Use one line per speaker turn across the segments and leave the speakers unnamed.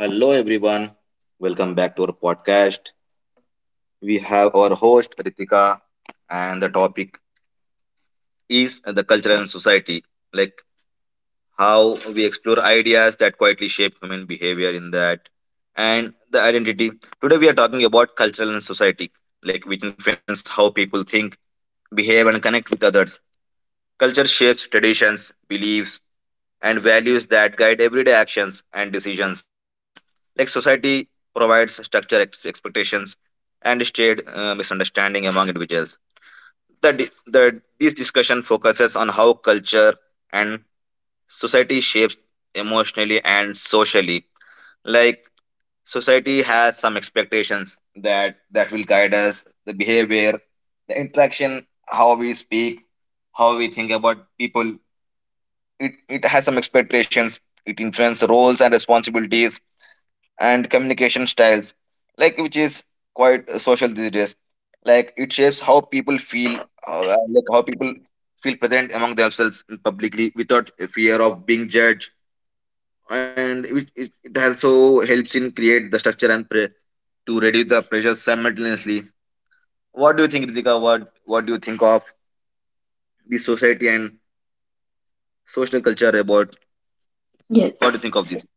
Hello, everyone. Welcome back to our podcast. We have our host Ritika, and the topic is the culture and society, like how we explore ideas that quietly shape human behavior in that and the identity. Today, we are talking about cultural and society, like which influence how people think, behave, and connect with others. Culture shapes traditions, beliefs, and values that guide everyday actions and decisions. Like society provides structure, expectations, and shared misunderstanding among individuals. This discussion focuses on how culture and society shapes emotionally and socially. Like society has some expectations that will guide us, the behavior, the interaction, how we speak, how we think about people, it has some expectations. It influences roles and responsibilities and communication styles, like which is quite social these days. Like it shapes how people feel, like how people feel present among themselves publicly without fear of being judged. And it also helps in create the structure and to reduce the pressure simultaneously. What do you think, Ritika? What do you think of the society and social culture about?
Yes.
What do you think of this?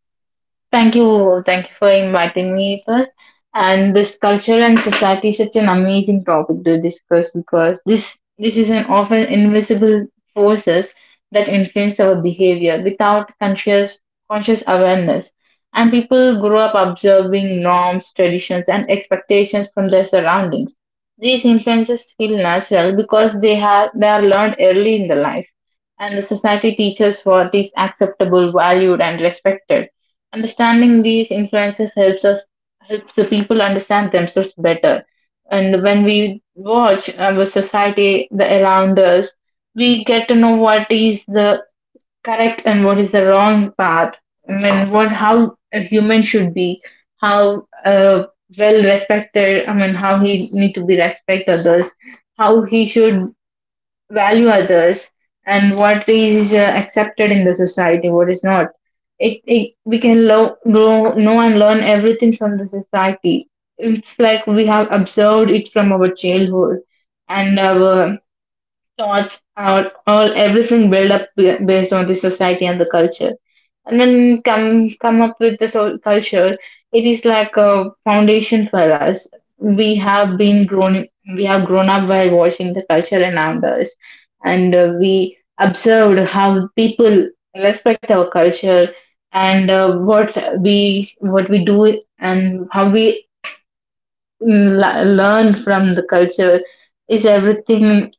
Thank you. Thank you for inviting me, Ethan. And this culture and society is such an amazing topic to discuss because this is an often invisible forces that influence our behavior without conscious awareness. And people grow up observing norms, traditions, and expectations from their surroundings. These influences feel natural because they are learned early in the life, and the society teaches what is acceptable, valued, and respected. Understanding these influences helps us, helps the people understand themselves better. And when we watch our society, the around us, we get to know what is the correct and what is the wrong path. I mean, what how a human should be, how well respected. I mean, how he need to be respect others, how he should value others and what is accepted in the society, what is not. It we can grow, know and learn everything from the society. It's like we have observed it from our childhood, and our thoughts, our all everything build up based on the society and the culture, and then come up with the soul culture. It is like a foundation for us. we have been grown we have grown up by watching the culture around us, and we observed how people respect our culture, and what we, what we do and how we learn from the culture is everything.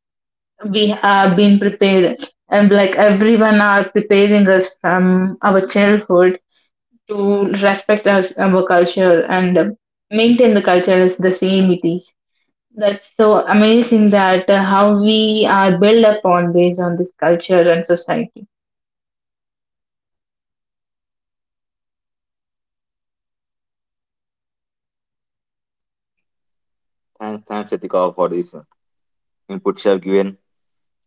We have been prepared, and like everyone are preparing us from our childhood to respect us our culture and maintain the culture as the same it is. That's so amazing that how we are built upon based on this culture and society.
Thanks, thanks Ritika for this inputs have given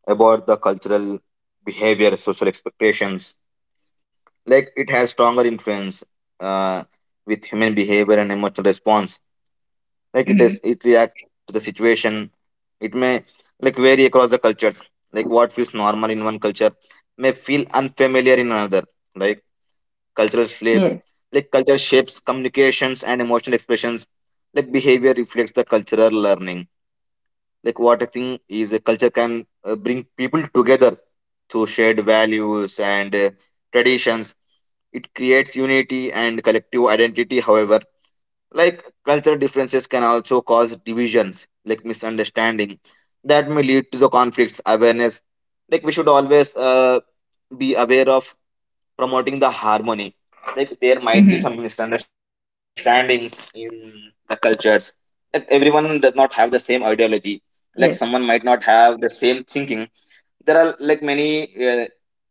about the cultural behavior, social expectations. Like it has stronger influence uh, with human behavior and emotional response. Like it
Mm-hmm.
does, it reacts to the situation. It may like vary across the cultures. Like what feels normal in one culture may feel unfamiliar in another. Like cultural shape,
Yes.
like culture shapes communications and emotional expressions. Like behavior reflects the cultural learning. Like what I think is a culture can bring people together through shared values and traditions. It creates unity and collective identity. However, like cultural differences can also cause divisions, like misunderstanding, that may lead to the conflicts. Awareness, like we should always be aware of promoting the harmony. Like there might be
Mm-hmm.
some misunderstandings in the cultures. Like everyone does not have the same ideology. Like someone might
Yes.
not have the same thinking. There are like many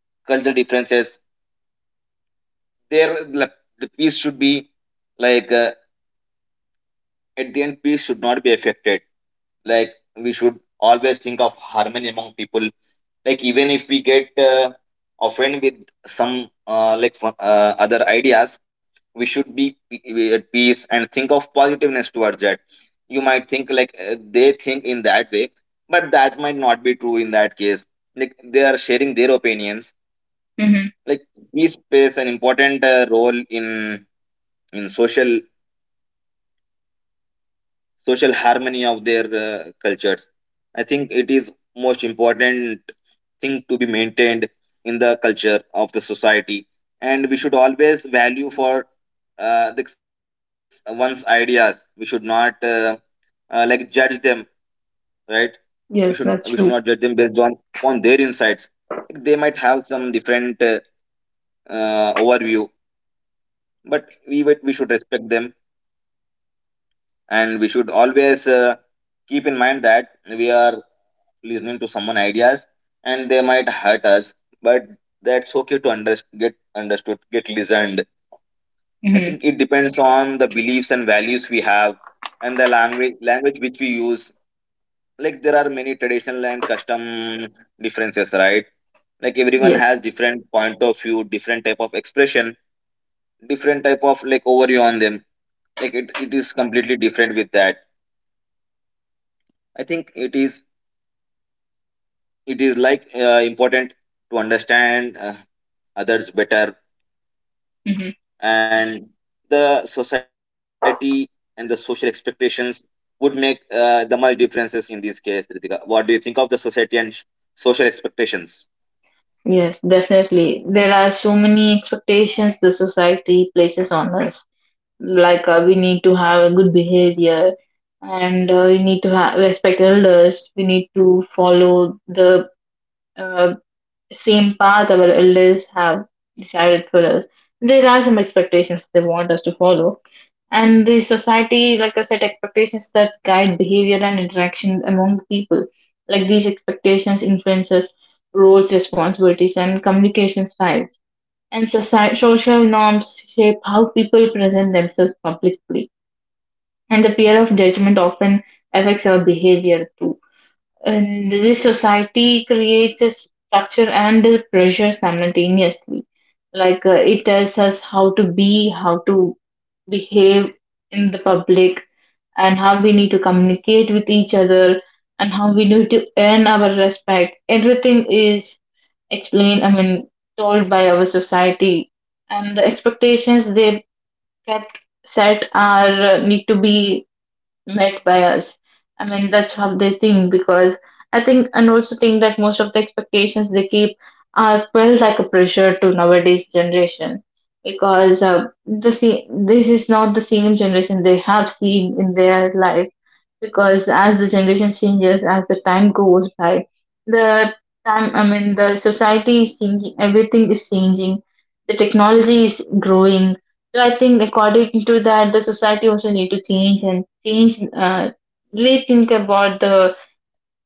cultural differences. There, like, the peace should be like at the end, peace should not be affected. Like we should always think of harmony among people. Like even if we get offended with some other ideas, we should be at peace and think of positiveness towards that. You might think like they think in that way, but that might not be true in that case. Like they are sharing their opinions.
Mm-hmm.
Like peace plays an important role in social social harmony of their cultures. I think it is most important thing to be maintained in the culture of the society, and we should always value for this one's ideas. We should not like judge them, right? We should we
Yes,
should not
that's
judge
true.
them based on upon their insights. They might have some different overview, but we should respect them, and we should always keep in mind that we are listening to someone ideas and they might hurt us, but that's okay to get understood, get listened. I
Mm-hmm.
think it depends on the beliefs and values we have and the language which we use. Like there are many traditional and custom differences, right? Like everyone
Yes.
has different point of view, different type of expression, different type of like overview on them. Like it is completely different with that. I think it is like important to understand others better.
Mm-hmm.
And the society and the social expectations would make the much differences in this case. Ritika, what do you think of the society and social expectations?
Yes, definitely. There are so many expectations the society places on us. Like we need to have a good behavior, and we need to respect elders. We need to follow the uh, same path our elders have decided for us. There are some expectations they want us to follow. And the society, like I said, expectations that guide behavior and interaction among the people. Like these expectations influences roles, responsibilities, and communication styles. And society, social norms shape how people present themselves publicly. And the fear of judgment often affects our behavior too, and this society creates a structure and a pressure simultaneously. Like it tells us how to be, how to behave in the public, and how we need to communicate with each other, and how we need to earn our respect. Everything is explained, I mean, told by our society. And the expectations they kept set are, need to be met by us. I mean, that's how they think, because I think and also think that most of the expectations they keep are felt like a pressure to nowadays generation, because the this is not the same generation they have seen in their life, because as the generation changes, as the time goes by, the time, I mean, the society is changing, everything is changing, the technology is growing. So I think according to that, the society also need to change and change, really think about the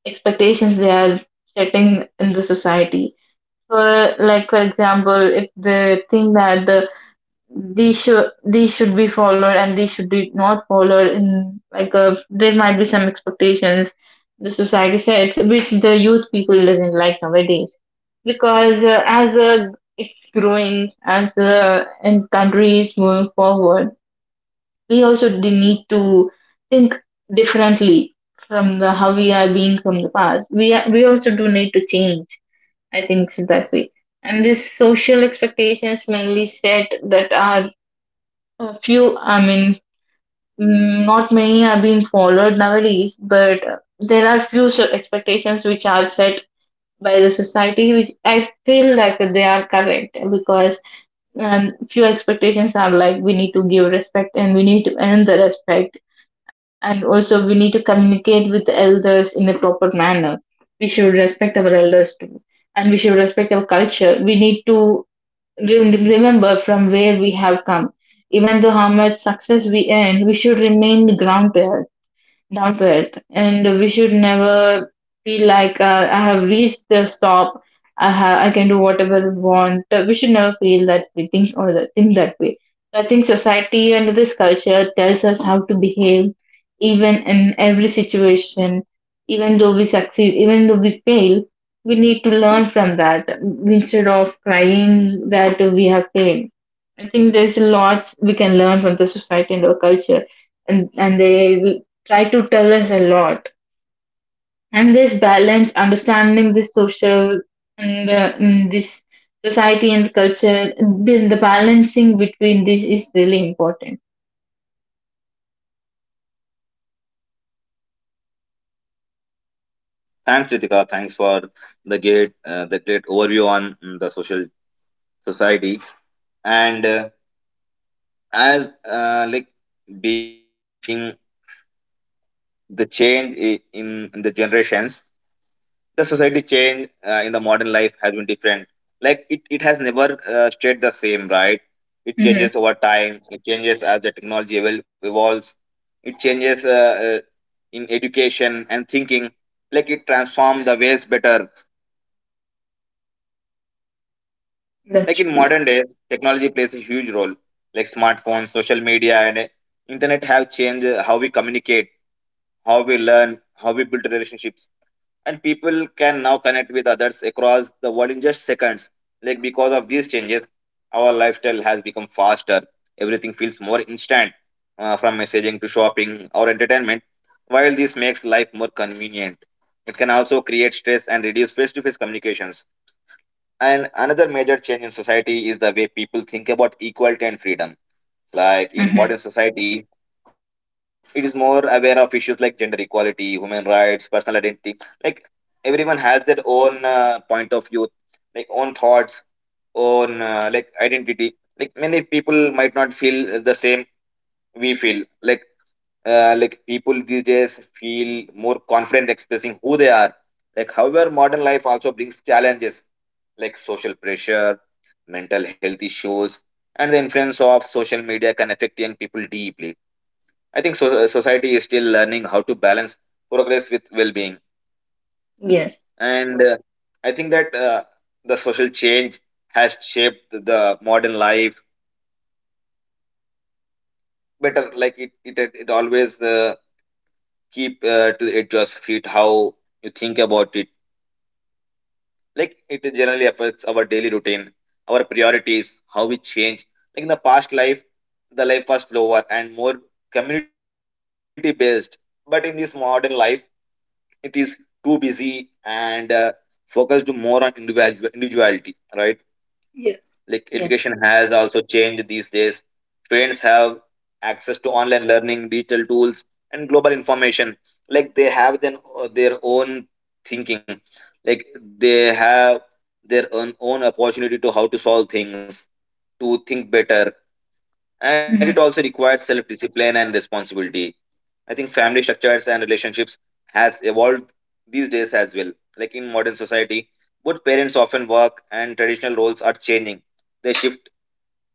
expectations they are setting in the society. For like, for example, if they think that the these should be followed and these should be not followed, in like a there might be some expectations the society sets which the youth people doesn't like nowadays, because as it's growing, as the and countries moving forward, we also do need to think differently from the how we are being. From the past we are, we also do need to change, I think, so that way. And these social expectations mainly set that are a few, I mean, not many are being followed nowadays, but there are few expectations which are set by the society, which I feel like they are correct because few expectations are like we need to give respect and we need to earn the respect, and also we need to communicate with the elders in a proper manner. We should respect our elders too, and we should respect our culture. We need to remember from where we have come. Even though how much success we earn, we should remain grounded, down to earth. And we should never feel like, I have reached the stop. I can do whatever I want. We should never feel that we think or that think that way. So I think society and this culture tells us how to behave, even in every situation. Even though we succeed, even though we fail, we need to learn from that instead of crying that we have failed. I think there's lots we can learn from the society and our culture, and they try to tell us a lot. And this balance, understanding the social and the, this society and culture, the balancing between this is really important.
Thanks Ritika, thanks for the great overview on the social society, and as like being the change in the generations. The society change in the modern life has been different. Like it has never stayed the same, right? It
Hmm.
changes over time, it changes as the technology evolves. It changes in education and thinking. Like it transforms the ways better. Like
That's
in
true.
modern days technology plays a huge role. Like smartphones, social media, and internet have changed how we communicate, how we learn, how we build relationships, and people can now connect with others across the world in just seconds. Like because of these changes, our lifestyle has become faster. Everything feels more instant, from messaging to shopping or entertainment. While this makes life more convenient, it can also create stress and reduce face-to-face communications. And another major change in society is the way people think about equality and freedom. Like in
Hmm.
modern society, it is more aware of issues like gender equality, human rights, personal identity. Like everyone has their own point of view, like own thoughts, own like identity. Like many people might not feel the same we feel. Like people these days feel more confident expressing who they are. Like however, modern life also brings challenges like social pressure, mental health issues, and the influence of social media can affect young people deeply. I think so, society is still learning how to balance progress with well-being,
Yes.
and I think that the social change has shaped the modern life better. Like it always keep to the edge of feet how you think about it. Like it generally affects our daily routine, our priorities, how we change. Like in the past life, the life was slower and more community-based, but in this modern life it is too busy and focused more on individuality, right?
Yes.
Like
Yes.
education has also changed these days. Students have access to online learning, digital tools, and global information. Like they have then their own thinking. Like they have their own opportunity to how to solve things, to think better. And it
Hmm.
also requires self discipline and responsibility. I think family structures and relationships has evolved these days as well. Like in modern society, both parents often work and traditional roles are changing. The shift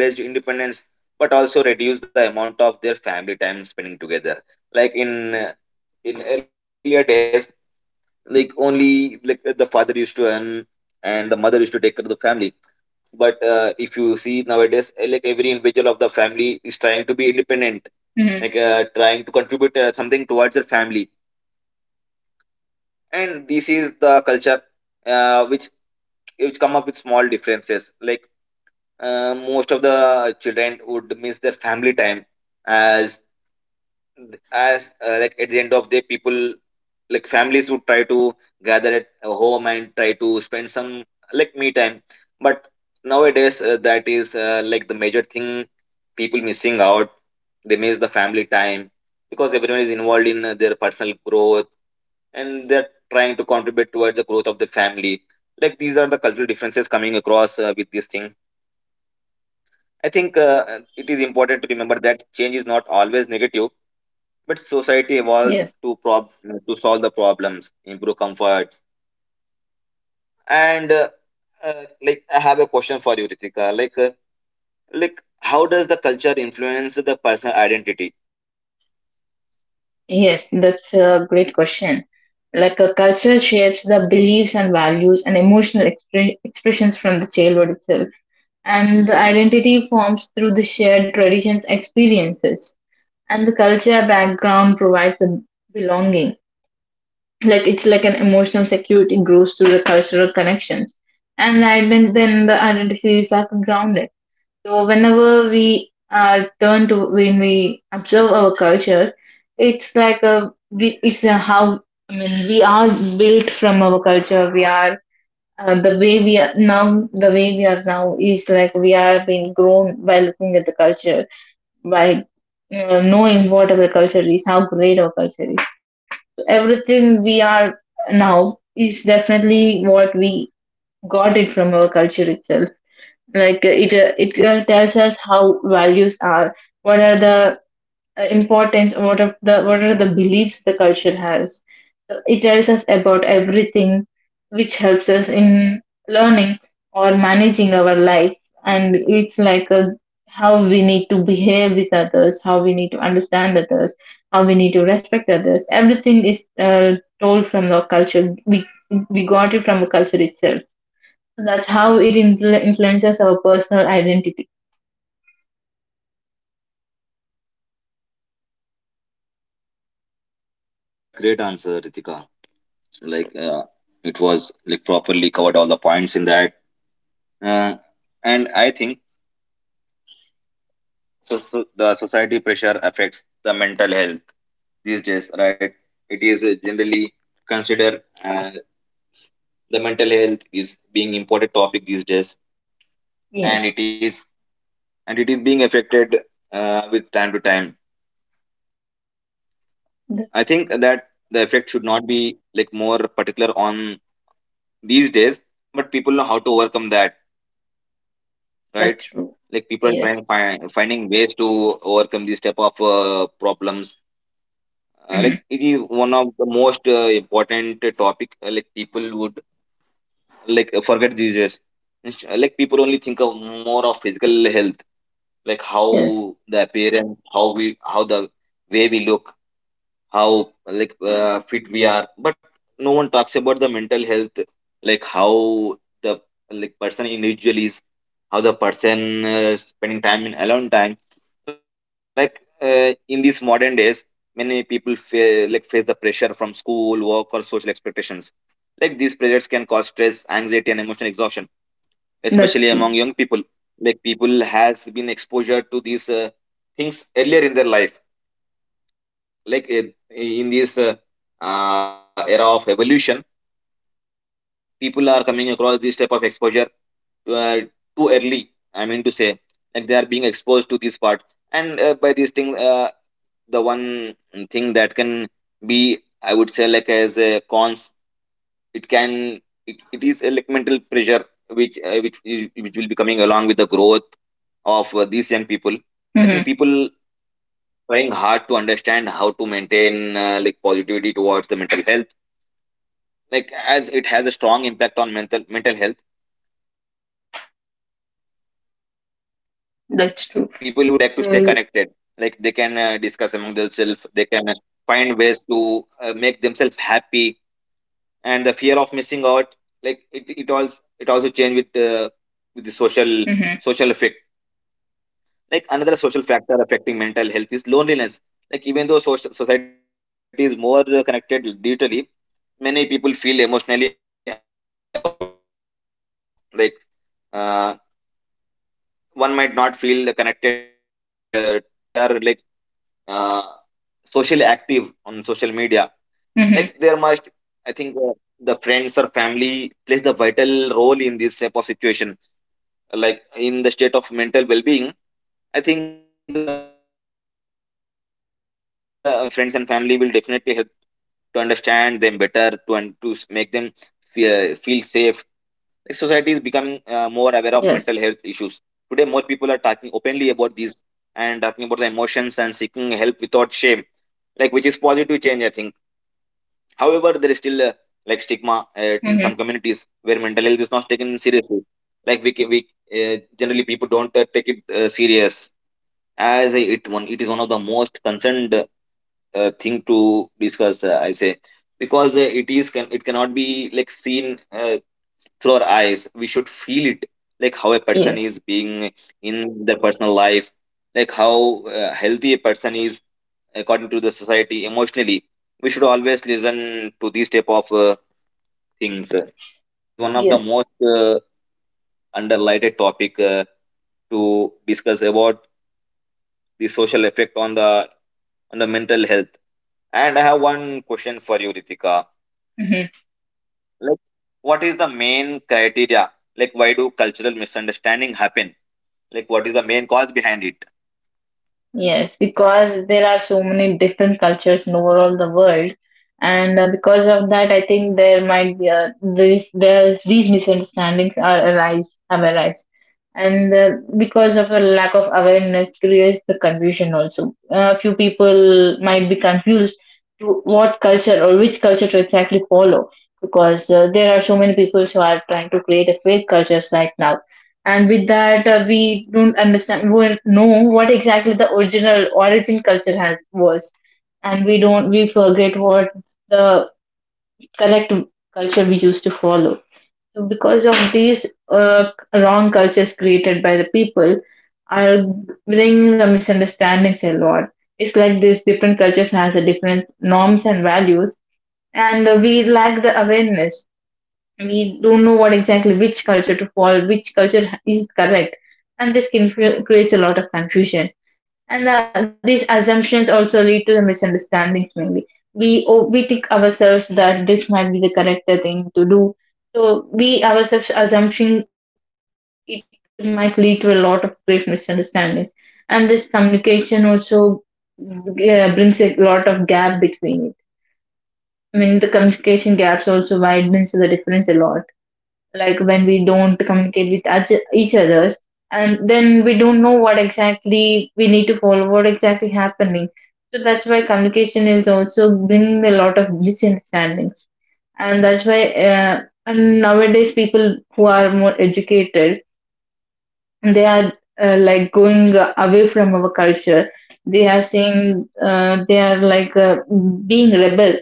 that has encouraged independence but also reduced the amount of their family time spending together. Like in earlier days, like only like the father used to earn and the mother used to take care of the family. But if you see nowadays, like every individual of the family is trying to be independent,
Hmm.
like trying to contribute something towards their family. And this is the culture uh, which which come up with small differences. Like most of the children would miss their family time as like at the end of the day people like families would try to gather at a home and try to spend some like me time. But nowadays that is like the major thing people missing out. They miss the family time because everyone is involved in their personal growth and they're trying to contribute towards the growth of the family. Like these are the cultural differences coming across with this thing. I think it is important to remember that change is not always negative, but society evolves
Yes.
to to solve the problems, improve comforts, and like I have a question for you, Ritika. Like how does the culture influence the personal identity?
Yes. That's a great question. Like a culture shapes the beliefs and values and emotional expressions from the childhood itself. And the identity forms through the shared traditions, experiences, and the culture background provides a belonging. Like it's like an emotional security grows through the cultural connections, and then the identity is like grounded. So whenever we are turned to, when we observe our culture, it's like a we, it's a how, I mean, we are built from our culture. We are, the way we are now is like we are being grown by looking at the culture, by knowing what our culture is, how great our culture is. Everything we are now is definitely what we got it from our culture itself. Like it tells us how values are, what are the importance, what are the, what are the beliefs the culture has. So it tells us about everything which helps us in learning or managing our life, and it's like a, how we need to behave with others, how we need to understand others, how we need to respect others. Everything is told from the culture. We got it from the culture itself. So that's how it influences our personal identity.
That's great answer, Ritika. Like, it was like properly covered all the points in that, uh, and I think so, so the society pressure affects the mental health these days, right? It is generally considered the mental health is being important topic these days, and it
Yes,
is and it is being affected with time to time. I think
that,
that the effect should not be like more particular on these days, but people know how to overcome that, right?
that's true.
Like people are
Yes.
finding ways to overcome these type of problems. Like
Hmm.
it is one of the most important topic. Like people would like forget these days. Like people only think of more of physical health, like how
Yes.
the appearance, how the way we look, how fit we are, but no one talks about the mental health, like how the like person individual is, how the person spending time in alone time, in these modern days many people like face the pressure from school, work, or social expectations. Like these pressures can cause stress, anxiety, and emotional exhaustion, especially
That's
among
true.
young people. Like people has been exposure to these things earlier in their life, like in this era of evolution, people are coming across this type of exposure uh, too early, I mean to say. Like they are being exposed to this part, and by these things, the one thing that can be, I would say, like as a cons, it can, it is a like mental pressure which which will be coming along with the growth of these young people. I
Hmm.
think people trying hard to understand how to maintain like positivity towards the mental health, like as it has a strong impact on mental health. People would like to stay connected, like they can
That's true.
discuss among themselves, they
And
can find ways to make themselves happy. And the fear of missing out, like it also it also change with with the social social effect.
hmm,
Like another social factor affecting mental health is loneliness. Like even though society is more connected digitally, many people feel emotionally alone. Like uh, One might not feel connected towards an individual. They may feel alone all the time, even if they are uh, socially active on social media.
hmm,
Like there must, I think, the friends or family plays the vital role in this type of situation. Like in the state of mental well-being, I think friends and family will definitely help to understand them better, to and to make them feel safe. Society is becoming more aware of mental health issues. Today, more
yes,
people are talking openly about these and talking about the emotions and seeking help without shame, like which is positive change, I think. However, there is still like stigma, in some
hmm,
communities where mental health is not taken seriously. Like we ca- we generally people don't take it serious, as a- it one it is one of the most concerned thing to discuss. I say because it cannot be like seen through our eyes. We should feel it, like how a
yes,
person is being in their personal life, like how healthy a person is according to the society emotionally. We should always listen to these type of things. One of the
yes.
most underlighted topic to discuss about the social effect on the mental health. And I have one question for you, Ritika. Like, what is the main criteria? Like, why do cultural misunderstanding happen? Like, what is the main cause behind it?
Yes, because there are so many different cultures in overall the world, and because of that, I think there might be, these these misunderstandings are arise, have arise, and because of a lack of awareness creates the confusion also. A few people might be confused to what culture or which culture to exactly follow, because there are so many people who are trying to create a fake cultures right now, and with that we don't know what exactly the original origin culture has was, and we don't we forget what the correct culture we used to follow. So because of these wrong cultures created by the people are bringing the misunderstandings a lot. It's like these different cultures has a different norms and values, and we lack the awareness. We don't know what exactly which culture to follow, which culture is correct, and this can creates a lot of confusion. And these assumptions also lead to the misunderstandings mainly. We think ourselves that this might be the correct thing to do, so we ourselves assumption it might lead to a lot of great misunderstandings, and this communication also brings a lot of gap between it. I mean, the communication gaps also widens the difference a lot. Like when we don't communicate with each others, and then we don't know what exactly we need to follow, what exactly happening. So that's why communication is also bringing a lot of misunderstandings, and that's why, uh, and nowadays people who are more educated, they are like going away from our culture. They are saying, they are like, being rebel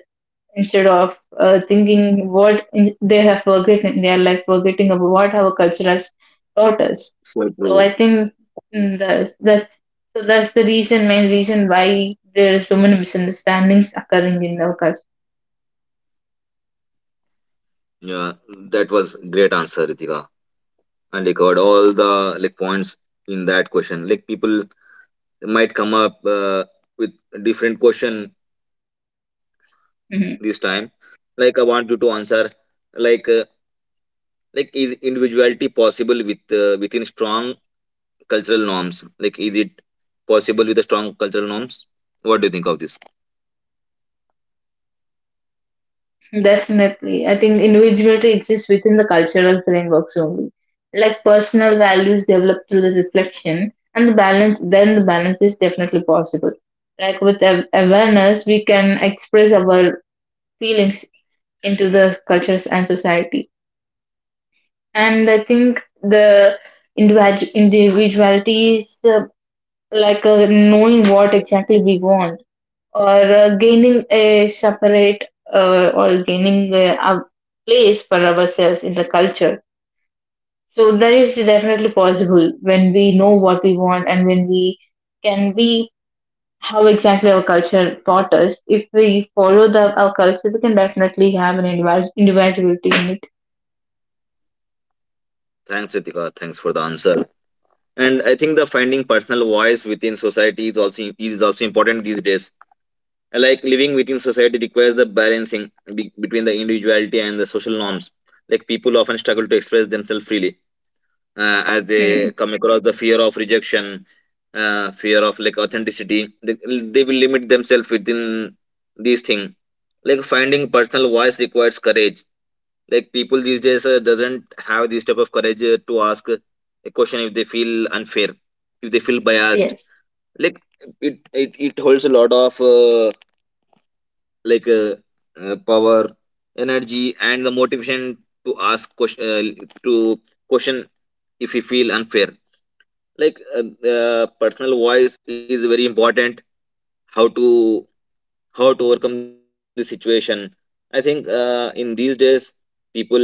instead of thinking what in, they have forgotten. They are like forgetting about what our culture has taught us.
So
So
true.
I think, that's so, that's the reason, main reason why there are so many misunderstandings occurring in our culture.
Yeah, that was great answer, Ritika. And you covered all the like points in that question. Like people might come up with different question this
Mhm.
time. Like I want you to answer. Like uh, like is individuality possible with within strong cultural norms? Like is it possible with the strong cultural norms? What do you think of this?
Definitely, I think individuality exists within the cultural frameworks only. Like personal values develop through the reflection and the balance. Then the balance is definitely possible. Like with awareness, we can express our feelings into the cultures and society. And I think the individuality is, like knowing what exactly we want, or gaining a separate, or gaining a place for ourselves in the culture. So that is definitely possible when we know what we want and when we can be how exactly our culture taught us. If we follow the our culture, we can definitely have an individuality in it.
Thanks, Ritika. Thanks for the answer. And I think the finding personal voice within society is also important these days. Like living within society requires the balancing between the individuality and the social norms. Like people often struggle to express themselves freely, as
Hmm.
they come across the fear of rejection, fear of like authenticity. They will limit themselves within these things. Like finding personal voice requires courage. Like people these days doesn't have this type of courage to ask a question if they feel unfair, if they feel biased.
Yes.
Like it holds a lot of like uh, power, energy, and the motivation to ask question, to question if you feel unfair. The personal voice is very important. How to how to overcome the situation. I think in these days people are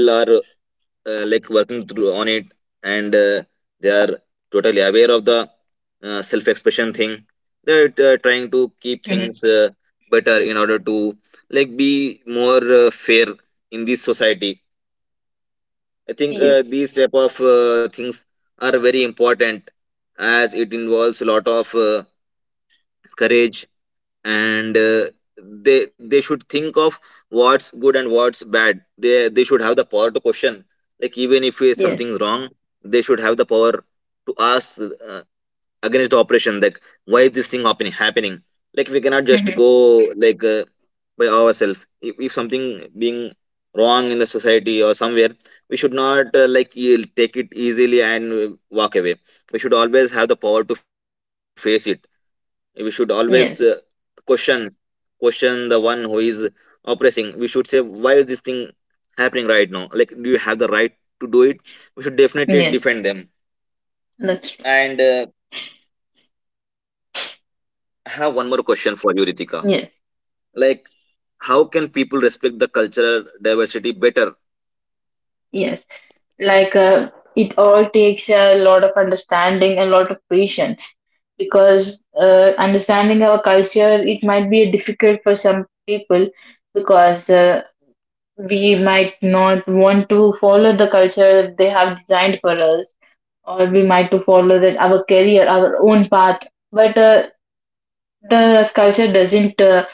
like working through on it, and they are totally aware of the self expression thing. They're trying to
Mm-hmm.
keep things better in order to like be more fair in this society. I think
Yes.
these type of things are very important, as it involves a lot of courage. And they should think of what's good and what's bad. They should have the power to question, like even if
Yes.
something's wrong, they should have the power to ask, against the operation. Like why is this thing happening? Like we cannot just
Mm-hmm.
go like by ourselves. If something being wrong in the society or somewhere, we should not like take it easily and walk away. We should always have the power to face it. We should always
Yes.
question question the one who is oppressing. We should say, why is this thing happening right now? Like, do you have the right to do it? We should definitely
Yes,
defend them.
that's true.
And I have one more question for you, Ritika.
Yes,
Like, how can people respect the cultural diversity better?
yes. Like it all takes a lot of understanding, a lot of patience, because understanding our culture, it might be difficult for some people because we might not want to follow the culture that they have designed for us, or we might to follow that our career, our own path. But the culture doesn't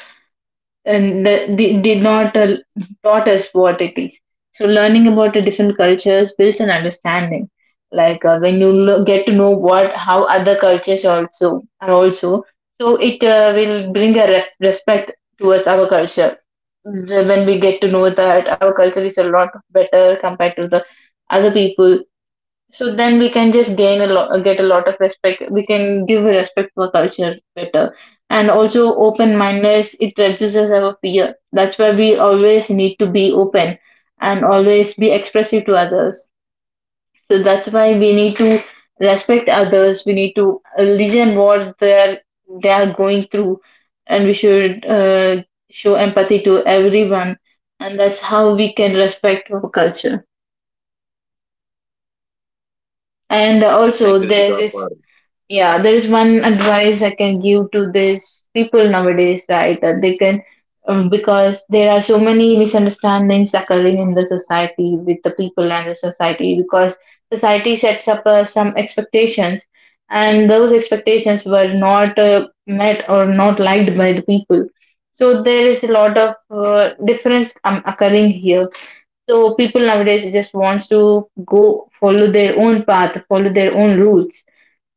and the they did not taught us what it is. So learning about the different cultures builds an understanding. Like when you get to know what how other cultures also are also, so it will bring a respect towards our culture. When we get to know that our culture is a lot better compared to the other people, so then we can just gain a lot, get a lot of respect. We can give respect to for culture better. And also open mindedness, it reduces our fear. That's why we always need to be open and always be expressive to others. So that's why we need to respect others. We need to listen what they are going through, and we should show empathy to everyone. And that's how we can respect our culture. And
thank
also
you
there
ritika
is.
for
Yeah, there is one advice I can give to these people nowadays, right? That they can, because there are so many misunderstandings occurring in the society with the people and the society, because society sets up some expectations, and those expectations were not met or not liked by the people. So there is a lot of difference occurring here. So people nowadays just wants to go follow their own path, follow their own rules.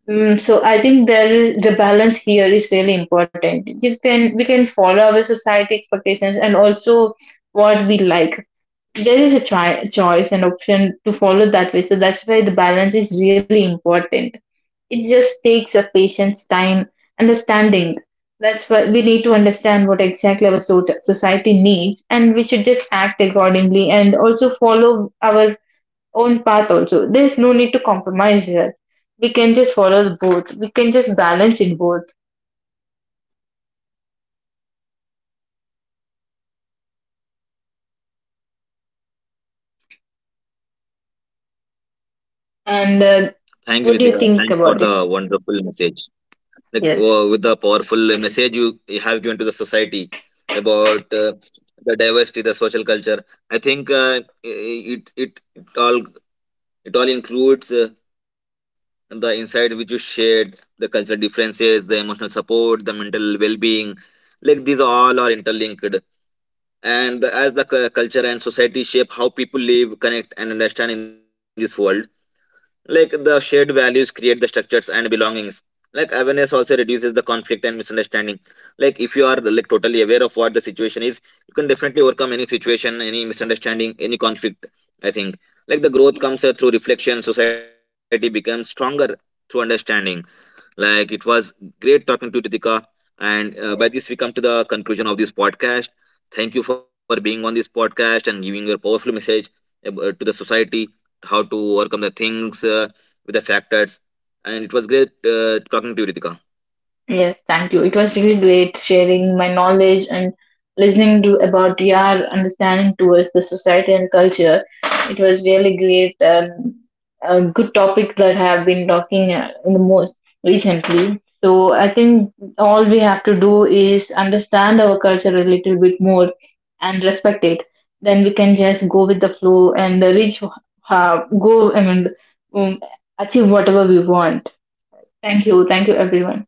Mm, so I think there the balance here is really important. You can we can follow our society expectations and also what we like. There is a try, choice and option to follow that way. So that's why the balance is really important. It just takes a patience, time, understanding. That's why we need to understand what exactly our society needs, and we should just act accordingly and also follow our own path also. There's no need to compromise here. We can just follow both. We can just balance in both. And
Thank you,
what do you
Ritika.
think
Thanks for
about
the
it?
wonderful message, like
Yes.
with the powerful message you have given to the society about, the diversity, the social culture. I think it, it it all includes the insight which you shared, the cultural differences, the emotional support, the mental well-being. Like these all are interlinked, and as the culture and society shape how people live, connect, and understand in this world. Like the shared values create the structures and belongings. Like awareness also reduces the conflict and misunderstanding. Like if you are like totally aware of what the situation is, you can definitely overcome any situation, any misunderstanding, any conflict. I think like the growth comes through reflection. Society becomes stronger through understanding. Like it was great talking to Ritika. And by this, we come to the conclusion of this podcast. Thank you for being on this podcast and giving your powerful message to the society, how to overcome the things with the factors. And it was great talking to you, Ritika.
Yes, thank you. It was really great sharing my knowledge and listening to about your understanding towards the society and culture. It was really great and a good topic that I have been talking the most recently. So I think all we have to do is understand our culture a little bit more and respect it. Then we can just go with the flow and reach, go and um, achieve whatever we want. Thank you. Thank you, everyone.